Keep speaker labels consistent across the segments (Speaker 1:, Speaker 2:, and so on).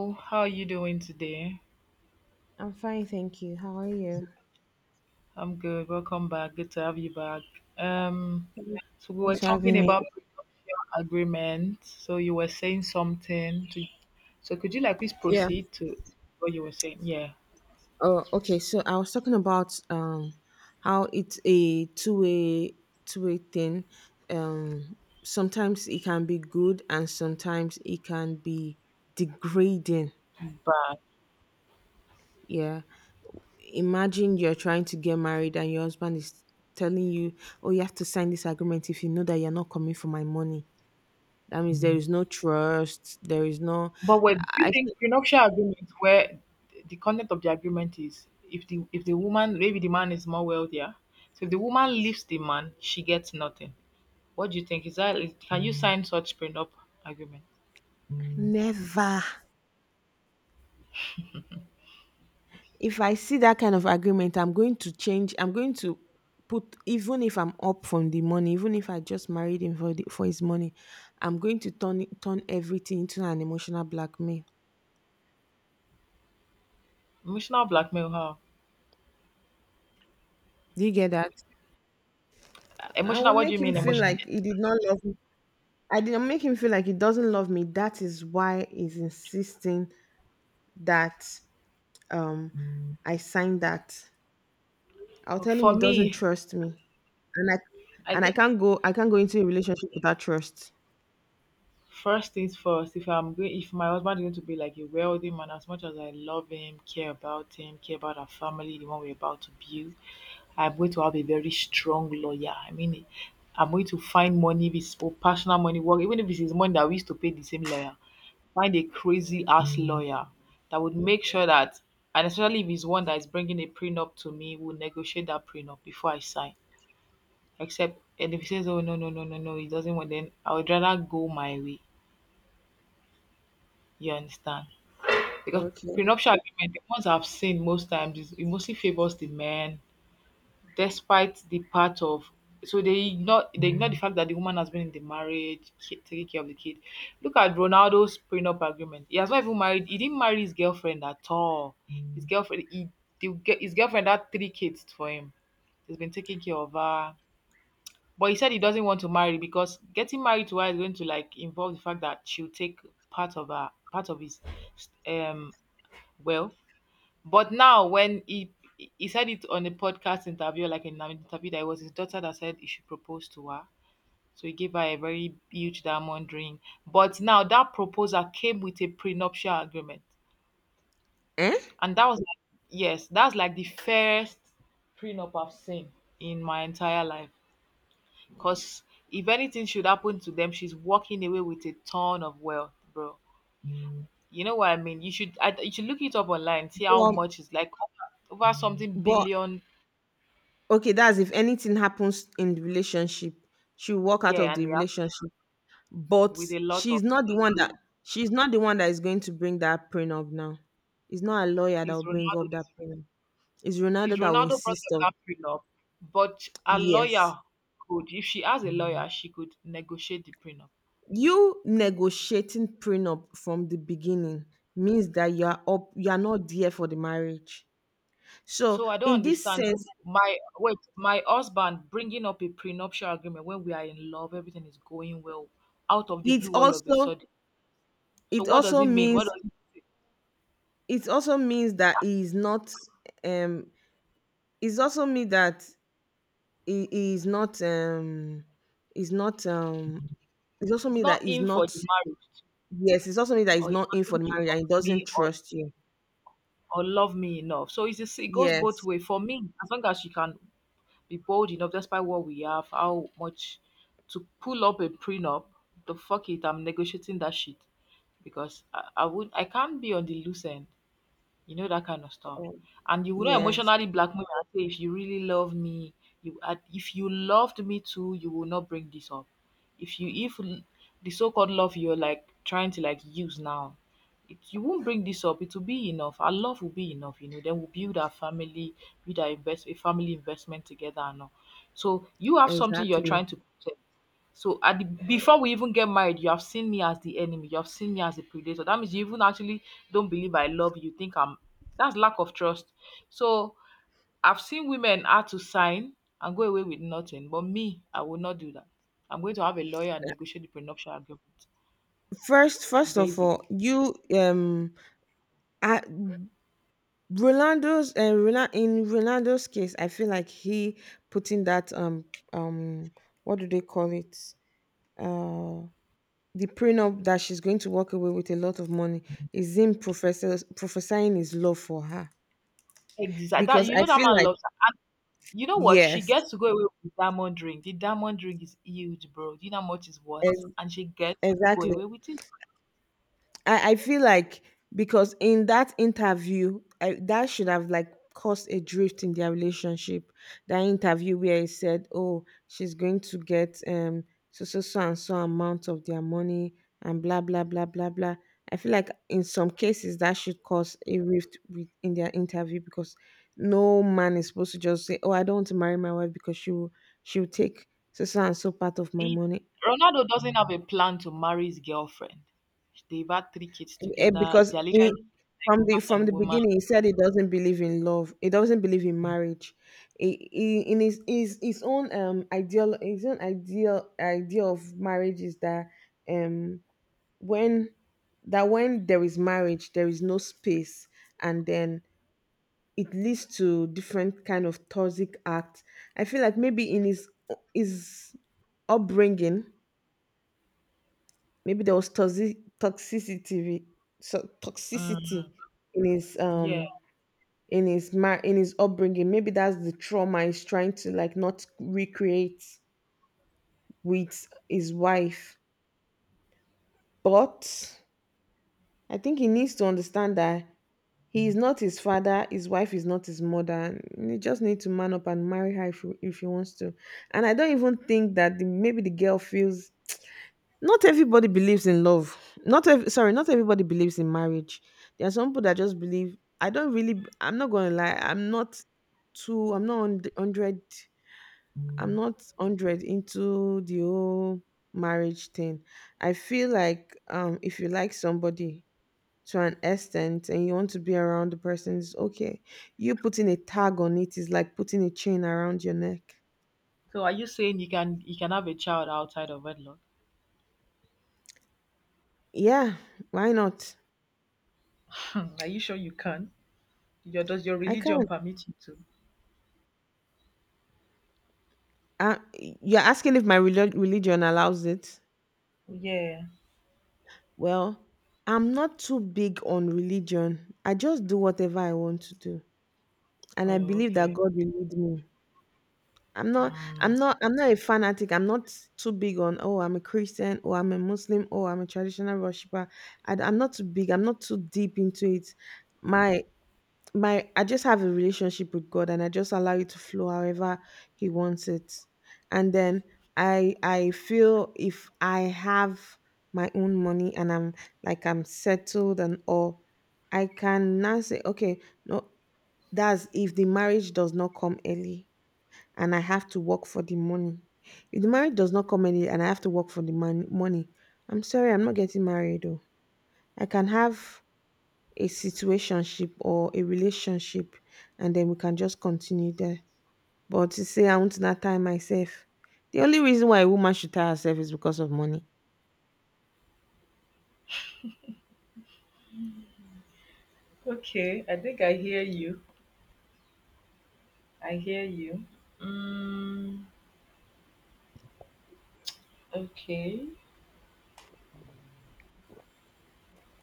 Speaker 1: Oh, how are you doing today?
Speaker 2: I'm fine, thank you. How are you?
Speaker 1: I'm good. Welcome back. Good to have you back. Um, so we were
Speaker 2: Thanks for
Speaker 1: talking
Speaker 2: having me.
Speaker 1: about prenuptial agreement. So you were saying something. So could you like please
Speaker 2: Yeah.
Speaker 1: proceed to what you were saying? Yeah.
Speaker 2: Oh, okay. So I was talking about how it's a two-way two-way thing. Um, Sometimes it can be good and sometimes it can be degrading.
Speaker 1: But
Speaker 2: Yeah. Imagine you're trying to get married and your husband is telling you, "Oh, you have to sign this agreement if you know that you're not coming for my money." That means there is no trust. There is no.
Speaker 1: but what do you
Speaker 2: I
Speaker 1: think prenuptial agreement where the content of the agreement is if the woman maybe the man is more wealthier, so if the woman leaves the man, she gets nothing. What do you think? Can you sign such prenup agreement?
Speaker 2: never. If I see that kind of agreement, I'm going to change. I'm going to put even if I'm up from the money, even if I just married him for his money, I'm going to turn everything into an emotional blackmail.
Speaker 1: Emotional blackmail? How?
Speaker 2: Do you get that? I will
Speaker 1: Emotional, what do you
Speaker 2: make him
Speaker 1: mean
Speaker 2: feel
Speaker 1: emotional?
Speaker 2: like he did not love me. I did not make him feel like he doesn't love me. That is why he's insisting that um I sign that. I'll tell him
Speaker 1: For
Speaker 2: he doesn't
Speaker 1: me,
Speaker 2: trust me. And I
Speaker 1: I
Speaker 2: and
Speaker 1: think
Speaker 2: I can't go into a relationship without trust.
Speaker 1: first things first, if my husband is going to be like a wealthy man, as much as I love him, care about our family, the one we're about to build, I'm going to have a very strong lawyer. I mean I'm going to find money if it's for personal money work, even if it's his money that we used to pay the same lawyer. Find a crazy ass lawyer that would make sure that and especially if he's one that is bringing a prenup to me, we'll negotiate that prenup before I sign. Except and if he says, "Oh no, no, no, no, no," he doesn't want. Then I would rather go my way. You understand? Because
Speaker 2: Okay.
Speaker 1: prenuptial agreement, the ones I've seen most times, is it mostly favors the man, despite the part of. So they ignore the fact that the woman has been in the marriage, ki- taking care of the kid. Look at Ronaldo's prenup agreement. He has not even married. He didn't marry his girlfriend at all. His girlfriend, he, the, ge- his girlfriend had three kids for him. He's been taking care of her. But he said he doesn't want to marry because getting married to her is going to like involve the fact that she'll take part of her part of his um wealth. But now when he said it on a podcast interview, like in an interview that it was his daughter that said he should propose to her. So he gave her a very huge diamond ring. But now that proposal came with a prenuptial agreement.
Speaker 2: Eh?
Speaker 1: And that was like yes, that's like the first prenup I've seen in my entire life. Because if anything should happen to them, she's walking away with a ton of wealth, bro. You know what I mean? You should look it up online, see how
Speaker 2: But
Speaker 1: much is like over, over something
Speaker 2: But
Speaker 1: billion.
Speaker 2: okay, that's if anything happens in the relationship, she'll walk out of
Speaker 1: Yeah, and
Speaker 2: the
Speaker 1: they have
Speaker 2: relationship. But
Speaker 1: with a lot of
Speaker 2: she's not the one that
Speaker 1: good.
Speaker 2: she's not the one that is going to bring that prenup now. It's not a lawyer that
Speaker 1: Is
Speaker 2: will bring up
Speaker 1: Ronaldo,
Speaker 2: that prenup. It's
Speaker 1: is
Speaker 2: Ronaldo that will
Speaker 1: Ronaldo brought
Speaker 2: insist
Speaker 1: them
Speaker 2: on,
Speaker 1: that prenup? But a
Speaker 2: yes.
Speaker 1: lawyer could, if she has a lawyer, she could negotiate the prenup.
Speaker 2: You negotiating prenup from the beginning means that you are not there for the marriage. So
Speaker 1: So I don't
Speaker 2: in this
Speaker 1: understand who-
Speaker 2: sense,
Speaker 1: my wait, my husband bringing up a prenuptial agreement when we are in love, everything is going well, out of the
Speaker 2: it
Speaker 1: blue, all of a
Speaker 2: also
Speaker 1: sudden. So
Speaker 2: it
Speaker 1: what does
Speaker 2: also
Speaker 1: it mean?
Speaker 2: means
Speaker 1: What does it?
Speaker 2: it also means that he is not um it's also me that he is not is not um it's also
Speaker 1: It's
Speaker 2: me that
Speaker 1: not
Speaker 2: is
Speaker 1: in for
Speaker 2: not,
Speaker 1: the marriage
Speaker 2: yes, it's also me that is
Speaker 1: or he
Speaker 2: not in for
Speaker 1: doesn't
Speaker 2: the marriage and he
Speaker 1: trust
Speaker 2: doesn't
Speaker 1: me
Speaker 2: trust you,
Speaker 1: or love me enough. So it's just, it goes both
Speaker 2: yes.
Speaker 1: way. For me, as long as she can be bold enough, despite what we have, how much to pull up a prenup, the fuck it, I'm negotiating that shit because I can't be on the loose end. You know that kind of stuff,
Speaker 2: um,
Speaker 1: and you will not
Speaker 2: yes
Speaker 1: emotionally blackmail me and say if you really love me, if you loved me too you will not bring this up. If you if l- the so-called love you're like trying to like use now it, you won't bring this up. It will be enough, our love will be enough, you know, then we'll build our family, build our invest a family investment together and all. So you have something you're
Speaker 2: exactly.
Speaker 1: trying to protect. So at the before we even get married, you have seen me as the enemy, you have seen me as a predator. That means you even actually don't believe I love you. You think I'm that's lack of trust. So I've seen women how to sign and go away with nothing. But me, I will not do that. I'm going to have a lawyer and negotiate the prenuptial agreement.
Speaker 2: First first of all
Speaker 1: Basically.
Speaker 2: you I, In Rolando's case I feel like he putting that um what do they call it uh the prenup that she's going to walk away with a lot of money is him professors prophesying his love for her.
Speaker 1: Exactly. That
Speaker 2: Because
Speaker 1: you
Speaker 2: I
Speaker 1: know that
Speaker 2: feel
Speaker 1: man
Speaker 2: like,
Speaker 1: loves her. You know what? She
Speaker 2: yes,
Speaker 1: gets to go away with the diamond ring. The diamond ring is huge, bro. Do you know how much it's
Speaker 2: ex-
Speaker 1: worth? And she gets to go
Speaker 2: exactly.
Speaker 1: away with it.
Speaker 2: I feel like because in that interview, that should have like caused a drift in their relationship. That interview where he said, "Oh, she's going to get so so so and so amount of their money and blah blah blah blah blah." I feel like in some cases that should cause a rift with, in their interview because no man is supposed to just say, "Oh, I don't want to marry my wife because she will take so so and so part of my
Speaker 1: He
Speaker 2: money."
Speaker 1: Ronaldo doesn't have a plan to marry his girlfriend. They've had three kids
Speaker 2: Eh,
Speaker 1: together.
Speaker 2: because
Speaker 1: They're
Speaker 2: he
Speaker 1: literally like man
Speaker 2: from
Speaker 1: and
Speaker 2: the
Speaker 1: woman.
Speaker 2: beginning he said he doesn't believe in love, he doesn't believe in marriage. In his own ideal, his own ideal idea of marriage is that um when that when there is marriage there is no space, and then it leads to different kind of toxic acts. I feel like maybe in his upbringing, maybe there was so
Speaker 1: Mm,
Speaker 2: toxicity in his
Speaker 1: yeah.
Speaker 2: in his upbringing. Maybe that's the trauma he's trying to like not recreate with his wife. But I think he needs to understand that he is not his father, his wife is not his mother. And he just needs to man up and marry her if he wants to. And I don't even think that maybe the girl feels. Not everybody believes in love. Not ev- sorry, not everybody believes in marriage. There are some people that just believe. I don't really. I'm not gonna lie. I'm not too. I'm not on hundred. I'm not hundred into the whole marriage thing. I feel like if you like somebody to an extent and you want to be around the person, it's okay. You putting a tag on it is like putting a chain around your neck.
Speaker 1: So are you saying you can have a child outside of wedlock?
Speaker 2: Yeah, why not?
Speaker 1: Hmm, are you sure you can? Your does your
Speaker 2: I
Speaker 1: religion
Speaker 2: can't.
Speaker 1: permit you to?
Speaker 2: Uh, you're asking if my religion allows it?
Speaker 1: Yeah.
Speaker 2: Well, I'm not too big on religion. I just do whatever I want to do, and I
Speaker 1: Oh,
Speaker 2: believe that
Speaker 1: okay.
Speaker 2: God will lead me. I'm not.
Speaker 1: Mm.
Speaker 2: I'm not a fanatic. I'm not too big on. Oh, I'm a Christian. Oh, I'm a Muslim. Oh, I'm a traditional worshiper. Am not too big. I'm not too deep into it. My my I just have a relationship with God and I just allow it to flow however he wants it. And then I feel if I have my own money and I'm like I'm settled and all, I can now say, okay, no, that's if the marriage does not come early and I have to work for the money. If the marriage does not come early and I have to work for the money, I'm sorry, I'm not getting married though. I can have a situationship or a relationship and then we can just continue there. But to say I want to not tie myself, the only reason why a woman should tie herself is because of money.
Speaker 1: Okay, I think I hear you. I hear you. Mm, okay.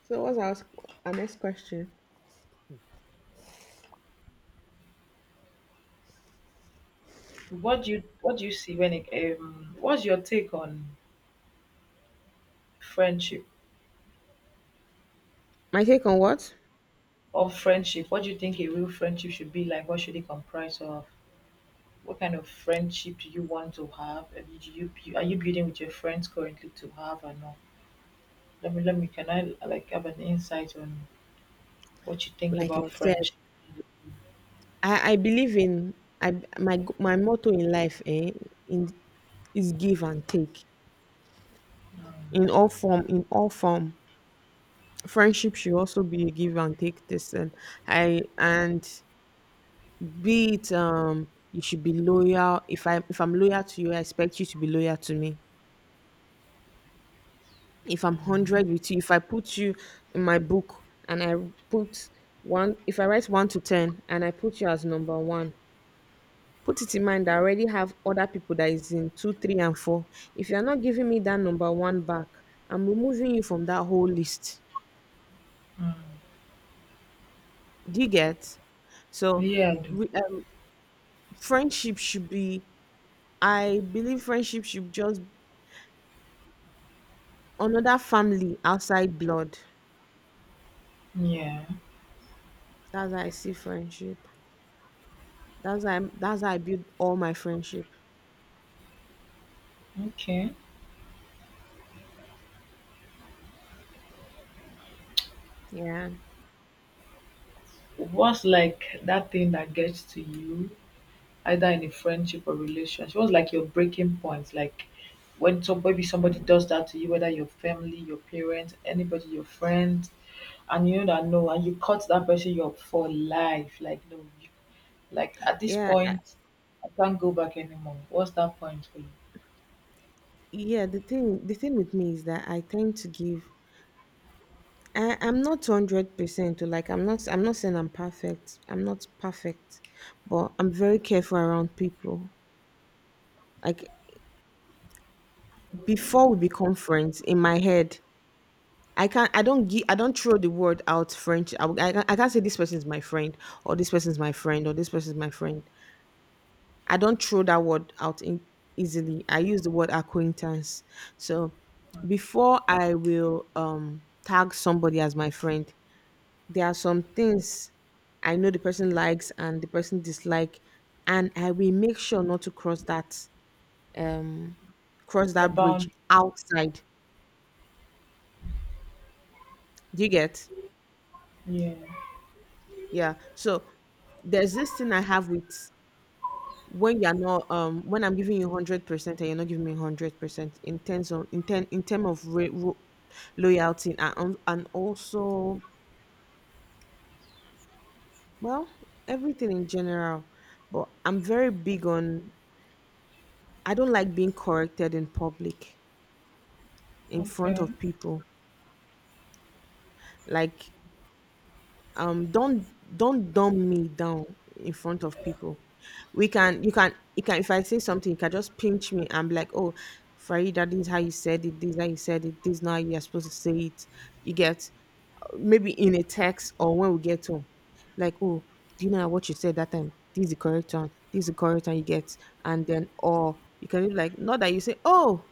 Speaker 2: So what's our next question?
Speaker 1: What do you see when it what's your take on friendship?
Speaker 2: My take on what?
Speaker 1: Of friendship, what do you think a real friendship should be like? What should it comprise of? What kind of friendship do you want to have? And do you bu- are you building with your friends currently to have or not? Let me can I like have an insight on what you think
Speaker 2: Like I
Speaker 1: about
Speaker 2: said,
Speaker 1: friendship?
Speaker 2: I believe in my motto in life, eh, in is give and take in all form, in all form. Friendship should also be a give and take. This and I and Be it, you should be loyal. If I'm loyal to you, I expect you to be loyal to me. If I'm hundred with you, if I put you in my book and I put one, if I write one to ten and I put you as number one, put it in mind that I already have other people that is in two, three, and four. If you are not giving me that number one back, I'm removing you from that whole list. Do you get? So,
Speaker 1: Yeah, I do.
Speaker 2: re- um, friendship should be. I believe friendship should just another family outside blood.
Speaker 1: Yeah.
Speaker 2: That's how I see friendship. That's how that's how I build all my friendship.
Speaker 1: Okay.
Speaker 2: Yeah,
Speaker 1: What's like that thing that gets to you, either in a friendship or relationship? What's like your breaking point? Like when some maybe somebody does that to you, whether your family, your parents, anybody, your friend, and you know that no, and you cut that person up for life. Like no, you, like at this
Speaker 2: yeah, I-
Speaker 1: point, I can't go back anymore. What's that point for you?
Speaker 2: yeah. The thing with me is that I tend to give. I'm not 100%. Like I'm not saying I'm perfect. I'm not perfect, but I'm very careful around people. Like before we become friends, in my head, I can't. I don't give. I don't throw the word out. French. I. can not I can't say this person is my friend, or this person is my friend, or this person is my friend. I don't throw that word out in easily. I use the word acquaintance. So before I will tag somebody as my friend, there are some things I know the person likes and the person dislike, and I will make sure not to um cross
Speaker 1: The
Speaker 2: that bridge
Speaker 1: bound.
Speaker 2: outside. Do you get?
Speaker 1: Yeah.
Speaker 2: Yeah. So there's this thing I have with when you're not when I'm giving you 100% and you're not giving me 100% in terms of in term of loyalty and also, well, everything in general, but I'm very big on, I don't like being corrected in public, in front
Speaker 1: Okay.
Speaker 2: of people. Like um don't don't dumb me down in front of people. We can, you can if I say something, you can just pinch me and be like, "Oh, Farida, this is how you said it. This is how you said it. This is not how you're supposed to say it." You get? Maybe in a text or when we get home, like, "Oh, do you know what you said that time? This is the correct one. This is the correct one." You get? And then, or you can be like not that you say, "Oh,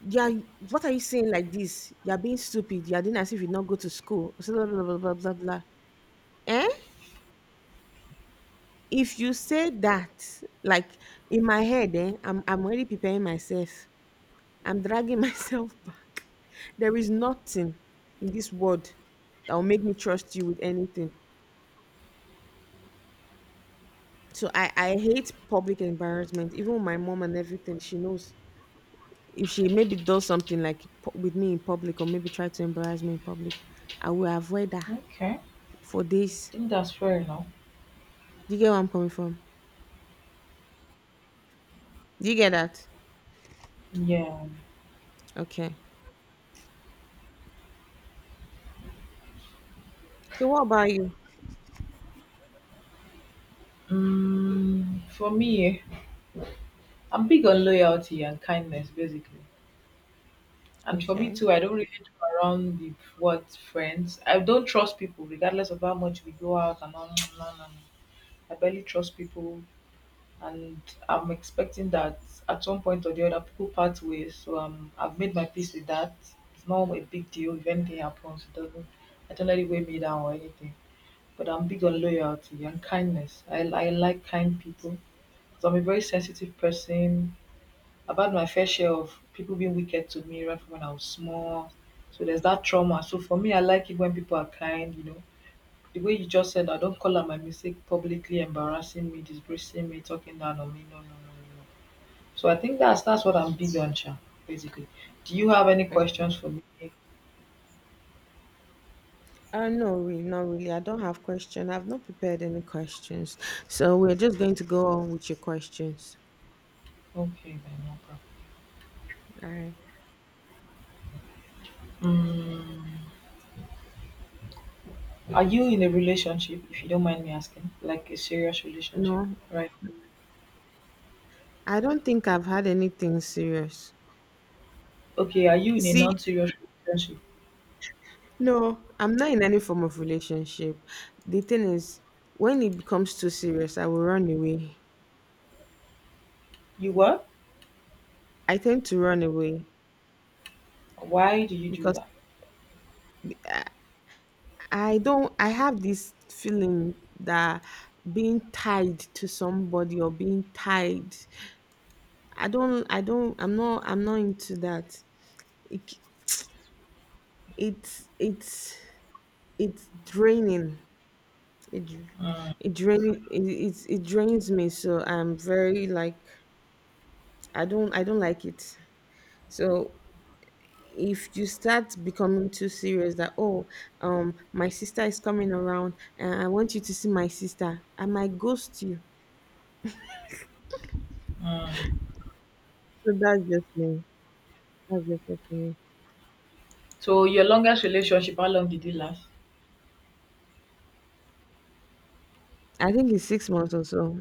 Speaker 2: yeah, what are you saying like this? You're being stupid. You're doing as if you not go to school. Blah blah blah blah blah blah blah." Eh? If you say that, like in my head, eh, I'm already preparing myself. I'm dragging myself back. There is nothing in this world that will make me trust you with anything. So I hate public embarrassment. Even with my mom and everything, she knows. If she maybe does something like with me in public or maybe try to embarrass me in public, I will avoid that
Speaker 1: Okay.
Speaker 2: for
Speaker 1: I
Speaker 2: days.
Speaker 1: think that's fair enough.
Speaker 2: Do you get where I'm coming from? Do you get that?
Speaker 1: Yeah.
Speaker 2: Okay. So what about you?
Speaker 1: Mm, for me, eh, I'm big on loyalty and kindness, basically. And for me
Speaker 2: Okay.
Speaker 1: too, I don't really do around the what friends. I don't trust people, regardless of how much we go out and all. No, no, no, no. I barely trust people, and I'm expecting that at one point or the other people part ways. So I've made my peace with that. It's not a big deal if anything happens. It doesn't. I don't let it weigh me down or anything. But I'm big on loyalty and kindness. I like kind people. So I'm a very sensitive person. I've had my fair share of people being wicked to me right from when I was small. So there's that trauma. So for me, I like it when people are kind, you know. The way you just said, I don't call out my mistake publicly, embarrassing me, disgracing me, talking down on me. No, no, no, no, no. So I think that's what I'm big on, Sha, basically. Do you have any questions for me? Okay,
Speaker 2: No, really, not really. I don't have question. I've not prepared any questions. So we're just going to go on with your questions.
Speaker 1: then no problem.
Speaker 2: All right.
Speaker 1: Mm, are you in a relationship, if you don't mind me asking? Like a serious relationship,
Speaker 2: No,
Speaker 1: right?
Speaker 2: I don't think I've had anything serious.
Speaker 1: Okay, are you in a
Speaker 2: See,
Speaker 1: non-serious relationship?
Speaker 2: no, I'm not in any form of relationship. The thing is, when it becomes too serious, I will run away.
Speaker 1: You were?
Speaker 2: I tend to run away
Speaker 1: Why do you do
Speaker 2: because
Speaker 1: that?
Speaker 2: b- I don't, I have this feeling that being tied to somebody or being tied I don't I'm not into that. It, it's it's draining. It dr- it drain it, it it drains me. So I'm very like I don't like it. So if you start becoming too serious that oh, my sister is coming around and I want you to see my sister, I might ghost you.
Speaker 1: Mm.
Speaker 2: So that's just me. That's just it for me.
Speaker 1: So your longest relationship, how long did it last?
Speaker 2: I think it's 6 months or so.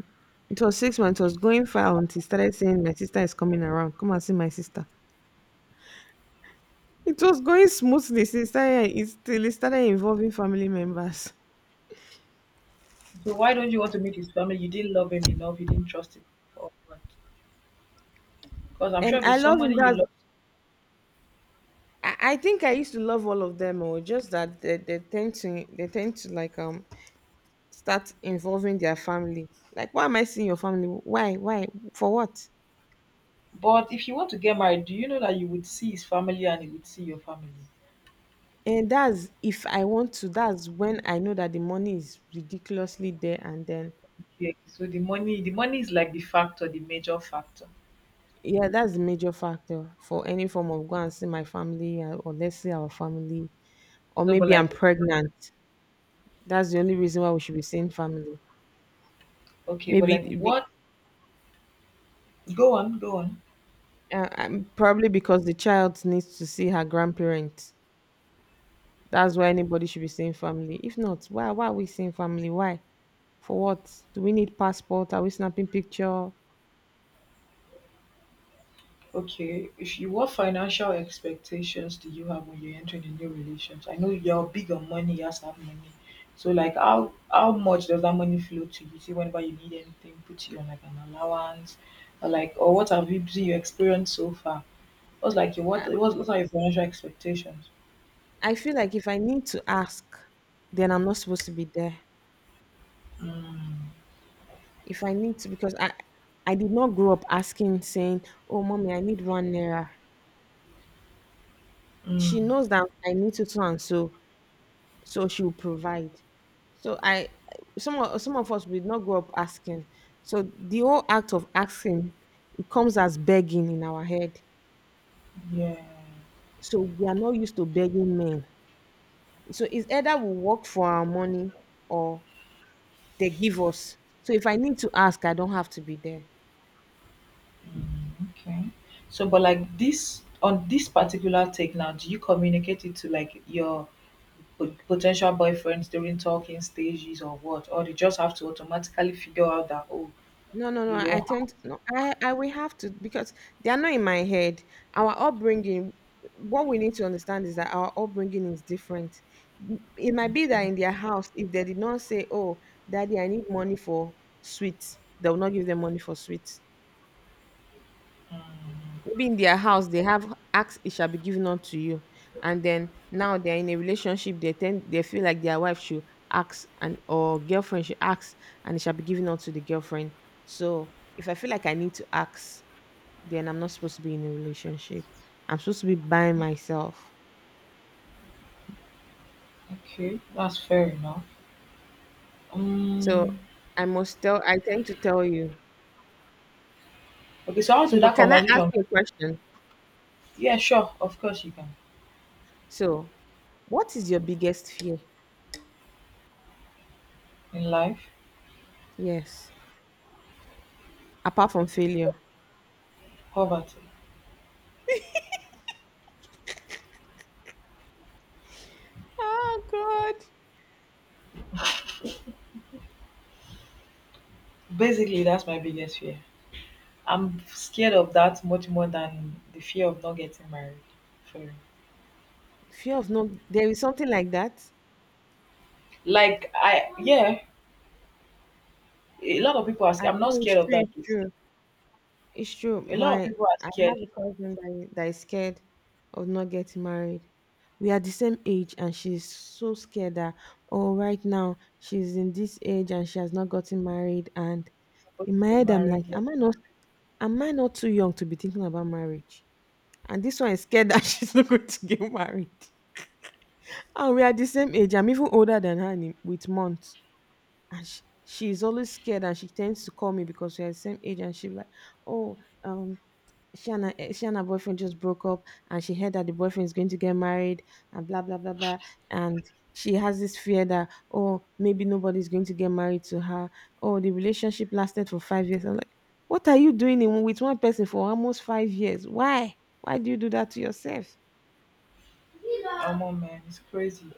Speaker 2: It was 6 months. It was going fine until he started saying, "My sister is coming around. Come and see my sister." It was going smoothly. Since it started, it till it started involving family members.
Speaker 1: So why don't you want to meet his family? You didn't love him enough, you didn't trust him. Because I'm sure if
Speaker 2: I
Speaker 1: it's
Speaker 2: love him.
Speaker 1: somebody you
Speaker 2: That's.
Speaker 1: love.
Speaker 2: I think I used to love all of them. Or just that they tend to like start involving their family. Like, why am I seeing your family? Why? Why? For what?
Speaker 1: But if you want to get married, do you know that you would see his family and he would see your family?
Speaker 2: And that's if I want to. That's when I know that the money is ridiculously there, and then
Speaker 1: Yeah, so the money is like the factor, the major factor.
Speaker 2: yeah, that's a major factor for any form of go and see my family or let's see our family. Or
Speaker 1: So but
Speaker 2: maybe I'm
Speaker 1: like
Speaker 2: pregnant. That's the only reason why we should be seeing family.
Speaker 1: okay, but
Speaker 2: Maybe
Speaker 1: like
Speaker 2: the- be,
Speaker 1: what, go on, go on.
Speaker 2: probably because the child needs to see her grandparents. That's why anybody should be seeing family. If not, why are we seeing family? Why? For what? Do we need passport? Are we snapping picture?
Speaker 1: Okay, if you what financial expectations do you have when you're entering a new relationship? I know you're big on money, you have to have money. So like how much does that money flow to you? See whenever you need anything, put you on like an allowance or like or what have you been your experience so far? What's like your what
Speaker 2: I,
Speaker 1: what are your financial expectations?
Speaker 2: I feel like if I need to ask, then I'm not supposed to be there.
Speaker 1: Mm,
Speaker 2: If I need to, because I did not grow up asking, saying, "Oh, mommy, I need one naira."
Speaker 1: mm,
Speaker 2: She knows that I need to so and so, so she will provide. So I, some of us we did not grow up asking. So the whole act of asking, it comes as begging in our head.
Speaker 1: yeah.
Speaker 2: So we are not used to begging men. So it's either we work for our money or they give us. So if I need to ask, I don't have to be there.
Speaker 1: Okay. So, but like this on this particular take now, do you communicate it to like your po- potential boyfriends during talking stages or what? Or they just have to automatically figure out that oh,
Speaker 2: No, no, no,
Speaker 1: you
Speaker 2: I
Speaker 1: don't.
Speaker 2: tend no. I will have to because they are not in my head. Our upbringing. What we need to understand is that our upbringing is different. It might be that
Speaker 1: Okay.
Speaker 2: in their house, if they did not say, "Oh, daddy, I need money for sweets," they will not give them money for sweets. Maybe in their house they have ask it shall be given unto you, and then now they're in a relationship. They feel like their wife should ask and or girlfriend should ask, and it shall be given unto the girlfriend. So if I feel like I need to ask, then I'm not supposed to be in a relationship. I'm supposed to be by myself.
Speaker 1: Okay. That's fair enough.
Speaker 2: So
Speaker 1: Um.
Speaker 2: I must tell. I tend to tell you.
Speaker 1: Okay. So how
Speaker 2: So,
Speaker 1: do
Speaker 2: but
Speaker 1: that
Speaker 2: can I ask
Speaker 1: conversation?
Speaker 2: you a question?
Speaker 1: Yeah. Sure. Of course you can.
Speaker 2: So, what is your biggest fear?
Speaker 1: In life,
Speaker 2: Yes, apart from failure.
Speaker 1: poverty.
Speaker 2: Oh God.
Speaker 1: Basically, that's my biggest fear. I'm scared of that much more than the fear of not getting married. For real.
Speaker 2: Fear of not, there is something like that.
Speaker 1: Like I yeah, a lot of people are sca
Speaker 2: And
Speaker 1: I'm not
Speaker 2: oh,
Speaker 1: scared of that.
Speaker 2: it's true.
Speaker 1: A lot of
Speaker 2: My
Speaker 1: people are
Speaker 2: I
Speaker 1: scared
Speaker 2: have
Speaker 1: they're
Speaker 2: a cousin that is scared of not getting married. We are the same age, and she's so scared that oh, right now she's in this age and she has not gotten married. And
Speaker 1: supposed
Speaker 2: in my
Speaker 1: to be
Speaker 2: head, I'm like,
Speaker 1: married, they're
Speaker 2: am I not too young to be thinking about marriage? And this one is scared that she's not going to get married. And we are the same age. I'm even older than her in, with months. And she's always scared and she tends to call me because we're the same age and she's like, oh um she and her boyfriend just broke up, and she heard that the boyfriend is going to get married and blah blah blah blah. And she has this fear that oh maybe nobody's going to get married to her. Oh, the relationship lasted for 5 years. I'm like, what are you doing in, with one person for almost 5 years? Why? Why do you do that to yourself?
Speaker 1: omo man, it's crazy.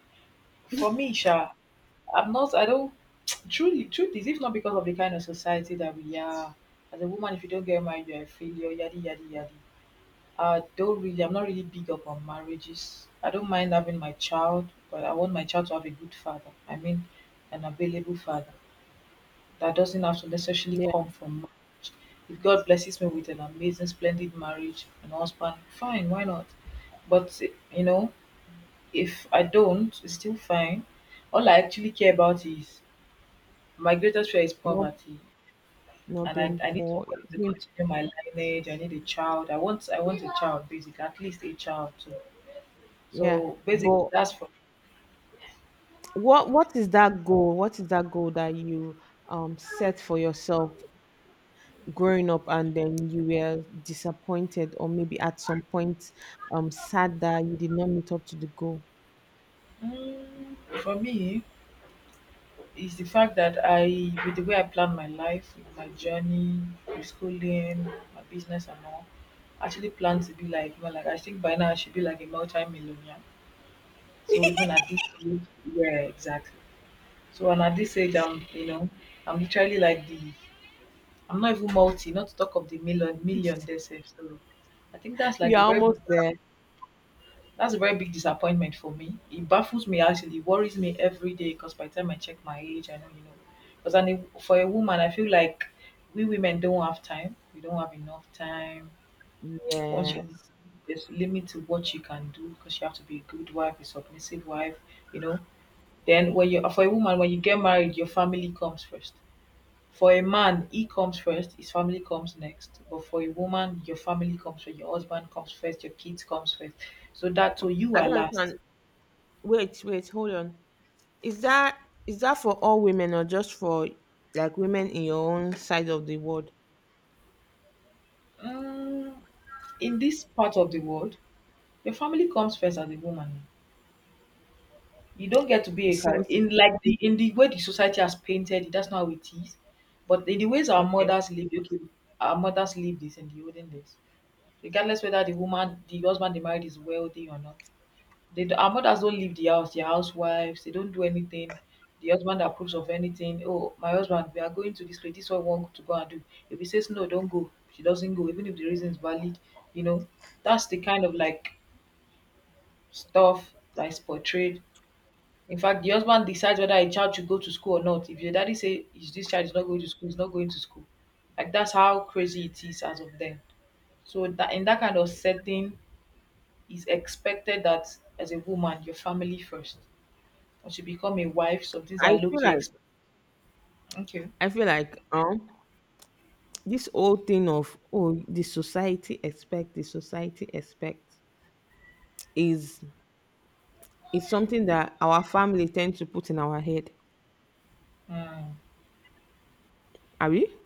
Speaker 1: For me sha, I don't truly truth is if not because of the kind of society that we are, as a woman if you don't get married you're a failure, yadi yadi yadi. I don't really I'm not really big up on marriages. I don't mind having my child, but I want my child to have a good father. I mean an available father, that doesn't have to necessarily
Speaker 2: Yeah,
Speaker 1: come from marriage. If God blesses me with an amazing, splendid marriage and husband, fine, why not? But you know, if I don't, it's still fine. All I actually care about is my greatest fear is
Speaker 2: not
Speaker 1: poverty,
Speaker 2: not
Speaker 1: and I,
Speaker 2: being
Speaker 1: I need
Speaker 2: poor,
Speaker 1: somebody to
Speaker 2: being,
Speaker 1: continue my lineage. I need a child. I want a child, basically, at least a child too.
Speaker 2: yeah.
Speaker 1: So basically,
Speaker 2: But
Speaker 1: that's for
Speaker 2: what is that goal that you set for yourself growing up, and then you were disappointed or maybe at some point sad that you did not meet up to the goal?
Speaker 1: mm, for me, is the fact that I, with the way I plan my life, with my journey, my schooling, my business, and all, I actually plan to be like, well, like I think by now I should be like a multi-millionaire. So even at this age, yeah, exactly. So and at this age, I'm literally like the, I'm not even multi, not to talk of the million, million themselves. So I think that's like
Speaker 2: You're
Speaker 1: a very big.
Speaker 2: almost there.
Speaker 1: That's a very big disappointment for me. It baffles me actually, it worries me every day because by the time I check my age, I know. Because I know for a woman, I feel like we women don't have time. We don't have enough time. Once you
Speaker 2: Yes.
Speaker 1: there's a limit to what you can do because you have to be a good wife, a submissive wife, you know. Then when you for a woman, when you get married, your family comes first. For a man, he comes first, his family comes next. But for a woman, your family comes first, your husband comes first, your kids comes first. So that so you
Speaker 2: I
Speaker 1: are
Speaker 2: don't understand.
Speaker 1: last.
Speaker 2: Wait, wait, hold on. Is that is that for all women or just for like women in your own side of the world?
Speaker 1: Mm, in this part of the world, your family comes first as a woman. You don't get to be a car
Speaker 2: Since
Speaker 1: in like the in the way the society has painted it. That's not how it is. But in the ways our
Speaker 2: Okay.
Speaker 1: mothers lived, okay, our mothers lived this in the olden days. Regardless whether the woman, the husband they married is wealthy or not, they do our mothers don't leave the house, they're housewives, they don't do anything. The husband approves of anything. Oh, my husband, we are going to this place, this is what we want to go and do. If he says no, don't go, she doesn't go, even if the reason is valid, you know. That's the kind of like stuff that's portrayed. In fact, the husband decides whether a child should go to school or not. If your daddy say "Is this child is not going to school, he's not going to school." Like that's how crazy it is as of then. So that in that kind of setting, it's expected that as a woman, your family first. When she become a wife, so things
Speaker 2: i
Speaker 1: are low
Speaker 2: feel
Speaker 1: key.
Speaker 2: like
Speaker 1: Okay.
Speaker 2: I feel like this whole thing of oh the society expect is is something that our family tend to put in our head.
Speaker 1: Mm.
Speaker 2: Are we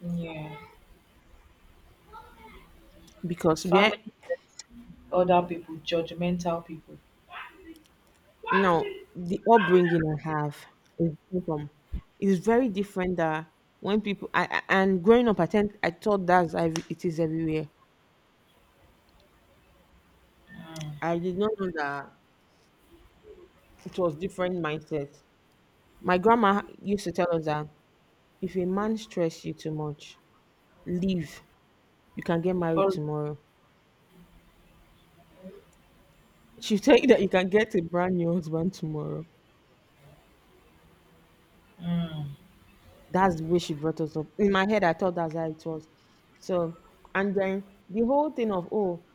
Speaker 1: Yeah.
Speaker 2: because we are
Speaker 1: Family, other people, judgmental people.
Speaker 2: Now the upbringing I have is different. Is very different. That when people, and growing up, I thought it is everywhere. I did not know that it was different mindset. My grandma used to tell us that if a man stress you too much, leave. You can get married
Speaker 1: For,
Speaker 2: tomorrow. She'll tell you that you can get a brand new husband tomorrow. That's the way she brought us up. In my head, I thought that's how it was. So, and then the whole thing of, oh,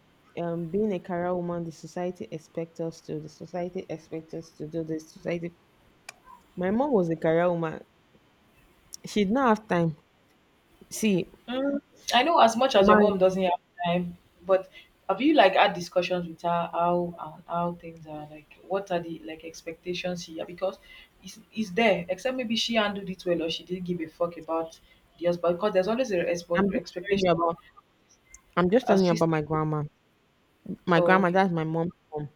Speaker 2: being a career woman, the society expects us to do this, society. My mom was a career woman. She did not have time. See,
Speaker 1: mm, I know as much as your
Speaker 2: my,
Speaker 1: mom doesn't have time, but have you like had discussions with her how and how things are like? What are the like expectations here? Because it's there. Except maybe she handled it well or she didn't give a fuck about the husband. Because there's always a
Speaker 2: I'm just telling
Speaker 1: expectation.
Speaker 2: you about, I'm just telling you about my
Speaker 1: Assistant.
Speaker 2: grandma. My
Speaker 1: Oh,
Speaker 2: grandma,
Speaker 1: okay.
Speaker 2: that's my mom's mom.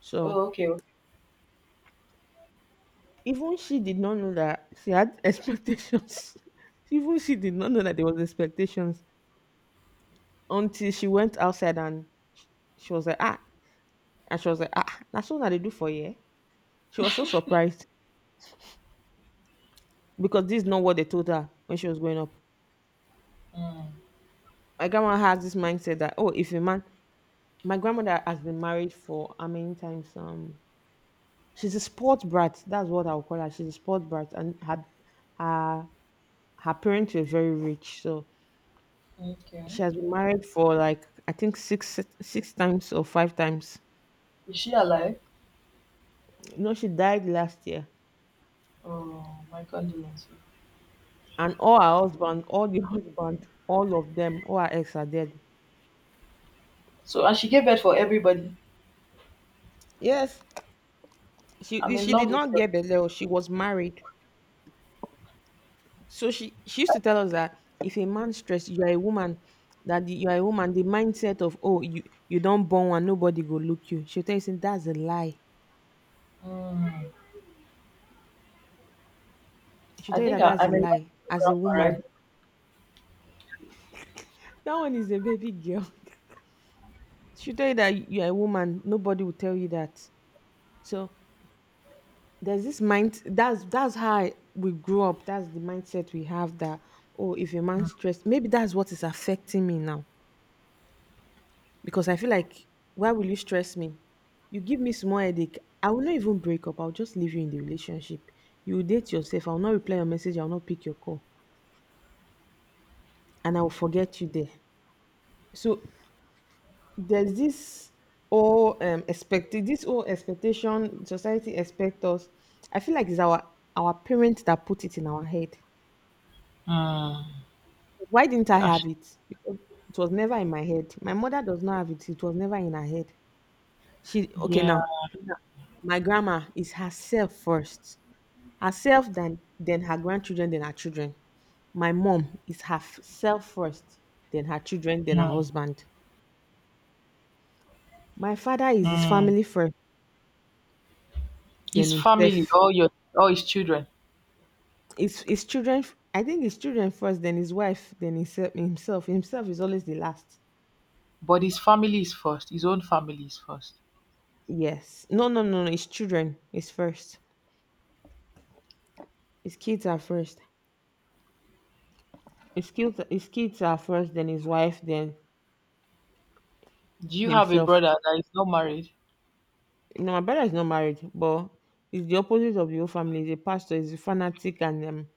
Speaker 2: So,
Speaker 1: Oh, okay. Okay.
Speaker 2: even she did not know that she had expectations. Even she did not know that there was expectations until she went outside and she was like, ah, and she was like, ah, that's what they do for you. She was so surprised because this is not what they told her when she was growing up.
Speaker 1: Mm,
Speaker 2: My grandma has this mindset that oh, if a man, My grandmother has been married for how many times? She's a sport brat. That's what I'll call her. She's a sport brat, and her her parents were very rich, so
Speaker 1: okay.
Speaker 2: she has been married for like I think six times or five times.
Speaker 1: Is she alive?
Speaker 2: You know, she died last year,
Speaker 1: Oh, my condolences.
Speaker 2: and all the husband, all of them, all her ex are dead.
Speaker 1: So, and she gave birth for everybody.
Speaker 2: Yes,
Speaker 1: I'm in
Speaker 2: she did
Speaker 1: love with
Speaker 2: not
Speaker 1: her.
Speaker 2: get Beleo. She was married, so she used to tell us that if a man stress, you are a woman. You are a woman. The mindset of oh you don't born one, nobody go look you. She will tell you say that's a lie.
Speaker 1: Mm.
Speaker 2: She will
Speaker 1: I
Speaker 2: tell you
Speaker 1: think
Speaker 2: that
Speaker 1: I,
Speaker 2: that's a
Speaker 1: I'm in love
Speaker 2: lie.
Speaker 1: with your
Speaker 2: As a
Speaker 1: grandpa,
Speaker 2: woman,
Speaker 1: right?
Speaker 2: that one is a baby girl. She tell you that you're a woman, nobody will tell you that. So there's this mind that's how we grew up. That's the mindset we have that oh, if a man stressed, maybe that's what is affecting me now. Because I feel like why will you stress me? You give me small headache. I will not even break up. I'll just leave you in the relationship. You will date yourself. I'll not reply your message. I'll not pick your call. And I'll forget you there. So there's this all expected this whole expectation society expect us, I feel like it's our parents that put it in our head.
Speaker 1: Mm,
Speaker 2: Why didn't I have
Speaker 1: that's
Speaker 2: it? Because it was never in my head. My mother does not have it, it was never in her head. She okay
Speaker 1: yeah.
Speaker 2: now Now, my grandma is herself first, herself, then her grandchildren, then her children. My mom is herself first, then her children, then her
Speaker 1: Mm,
Speaker 2: husband. My father is his
Speaker 1: mm.
Speaker 2: family first, then
Speaker 1: His family,
Speaker 2: himself.
Speaker 1: all your, all his children,
Speaker 2: It's his children. I think his children first, then his wife, then himself. Himself is always the last.
Speaker 1: but his family is first. His own family is first.
Speaker 2: Yes. No, no, no, no, his children is first. His kids are first. His kids are first, then his wife, then
Speaker 1: Do you have a
Speaker 2: himself.
Speaker 1: brother that is not married?
Speaker 2: No, my brother is not married, but he's the opposite of the whole family. He's a pastor, he's a fanatic, and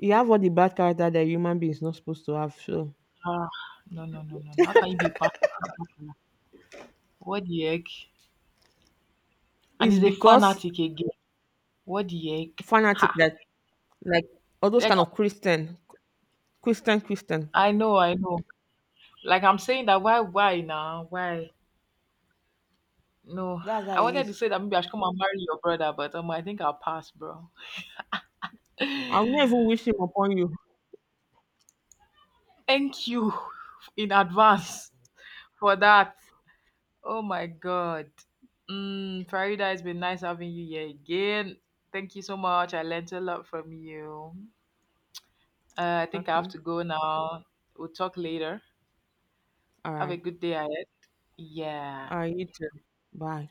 Speaker 2: he have all the bad character that a human being is not supposed to have. So
Speaker 1: Ah, no, no, no, no, no. How can you be a pastor? And popular? What the heck? And
Speaker 2: it's
Speaker 1: he's a
Speaker 2: because
Speaker 1: fanatic again. What the heck?
Speaker 2: fanatic
Speaker 1: Ha!
Speaker 2: that, like, all those
Speaker 1: Like
Speaker 2: kind of Christian, Christian.
Speaker 1: I know, I know. Like I'm saying that why now? Why? No,
Speaker 2: That's how
Speaker 1: I
Speaker 2: it
Speaker 1: wanted
Speaker 2: is.
Speaker 1: to say that maybe I should come and marry your brother, but I think I'll pass, bro.
Speaker 2: I'll never wish him upon you.
Speaker 1: Thank you in advance for that. Oh my god. Mm, Farida, it's been nice having you here again. Thank you so much. I learned a lot from you. I think I have
Speaker 2: Okay.
Speaker 1: to go now. We'll talk later.
Speaker 2: All
Speaker 1: Have a
Speaker 2: right.
Speaker 1: good day ahead. Yeah.
Speaker 2: All right. You too. Bye.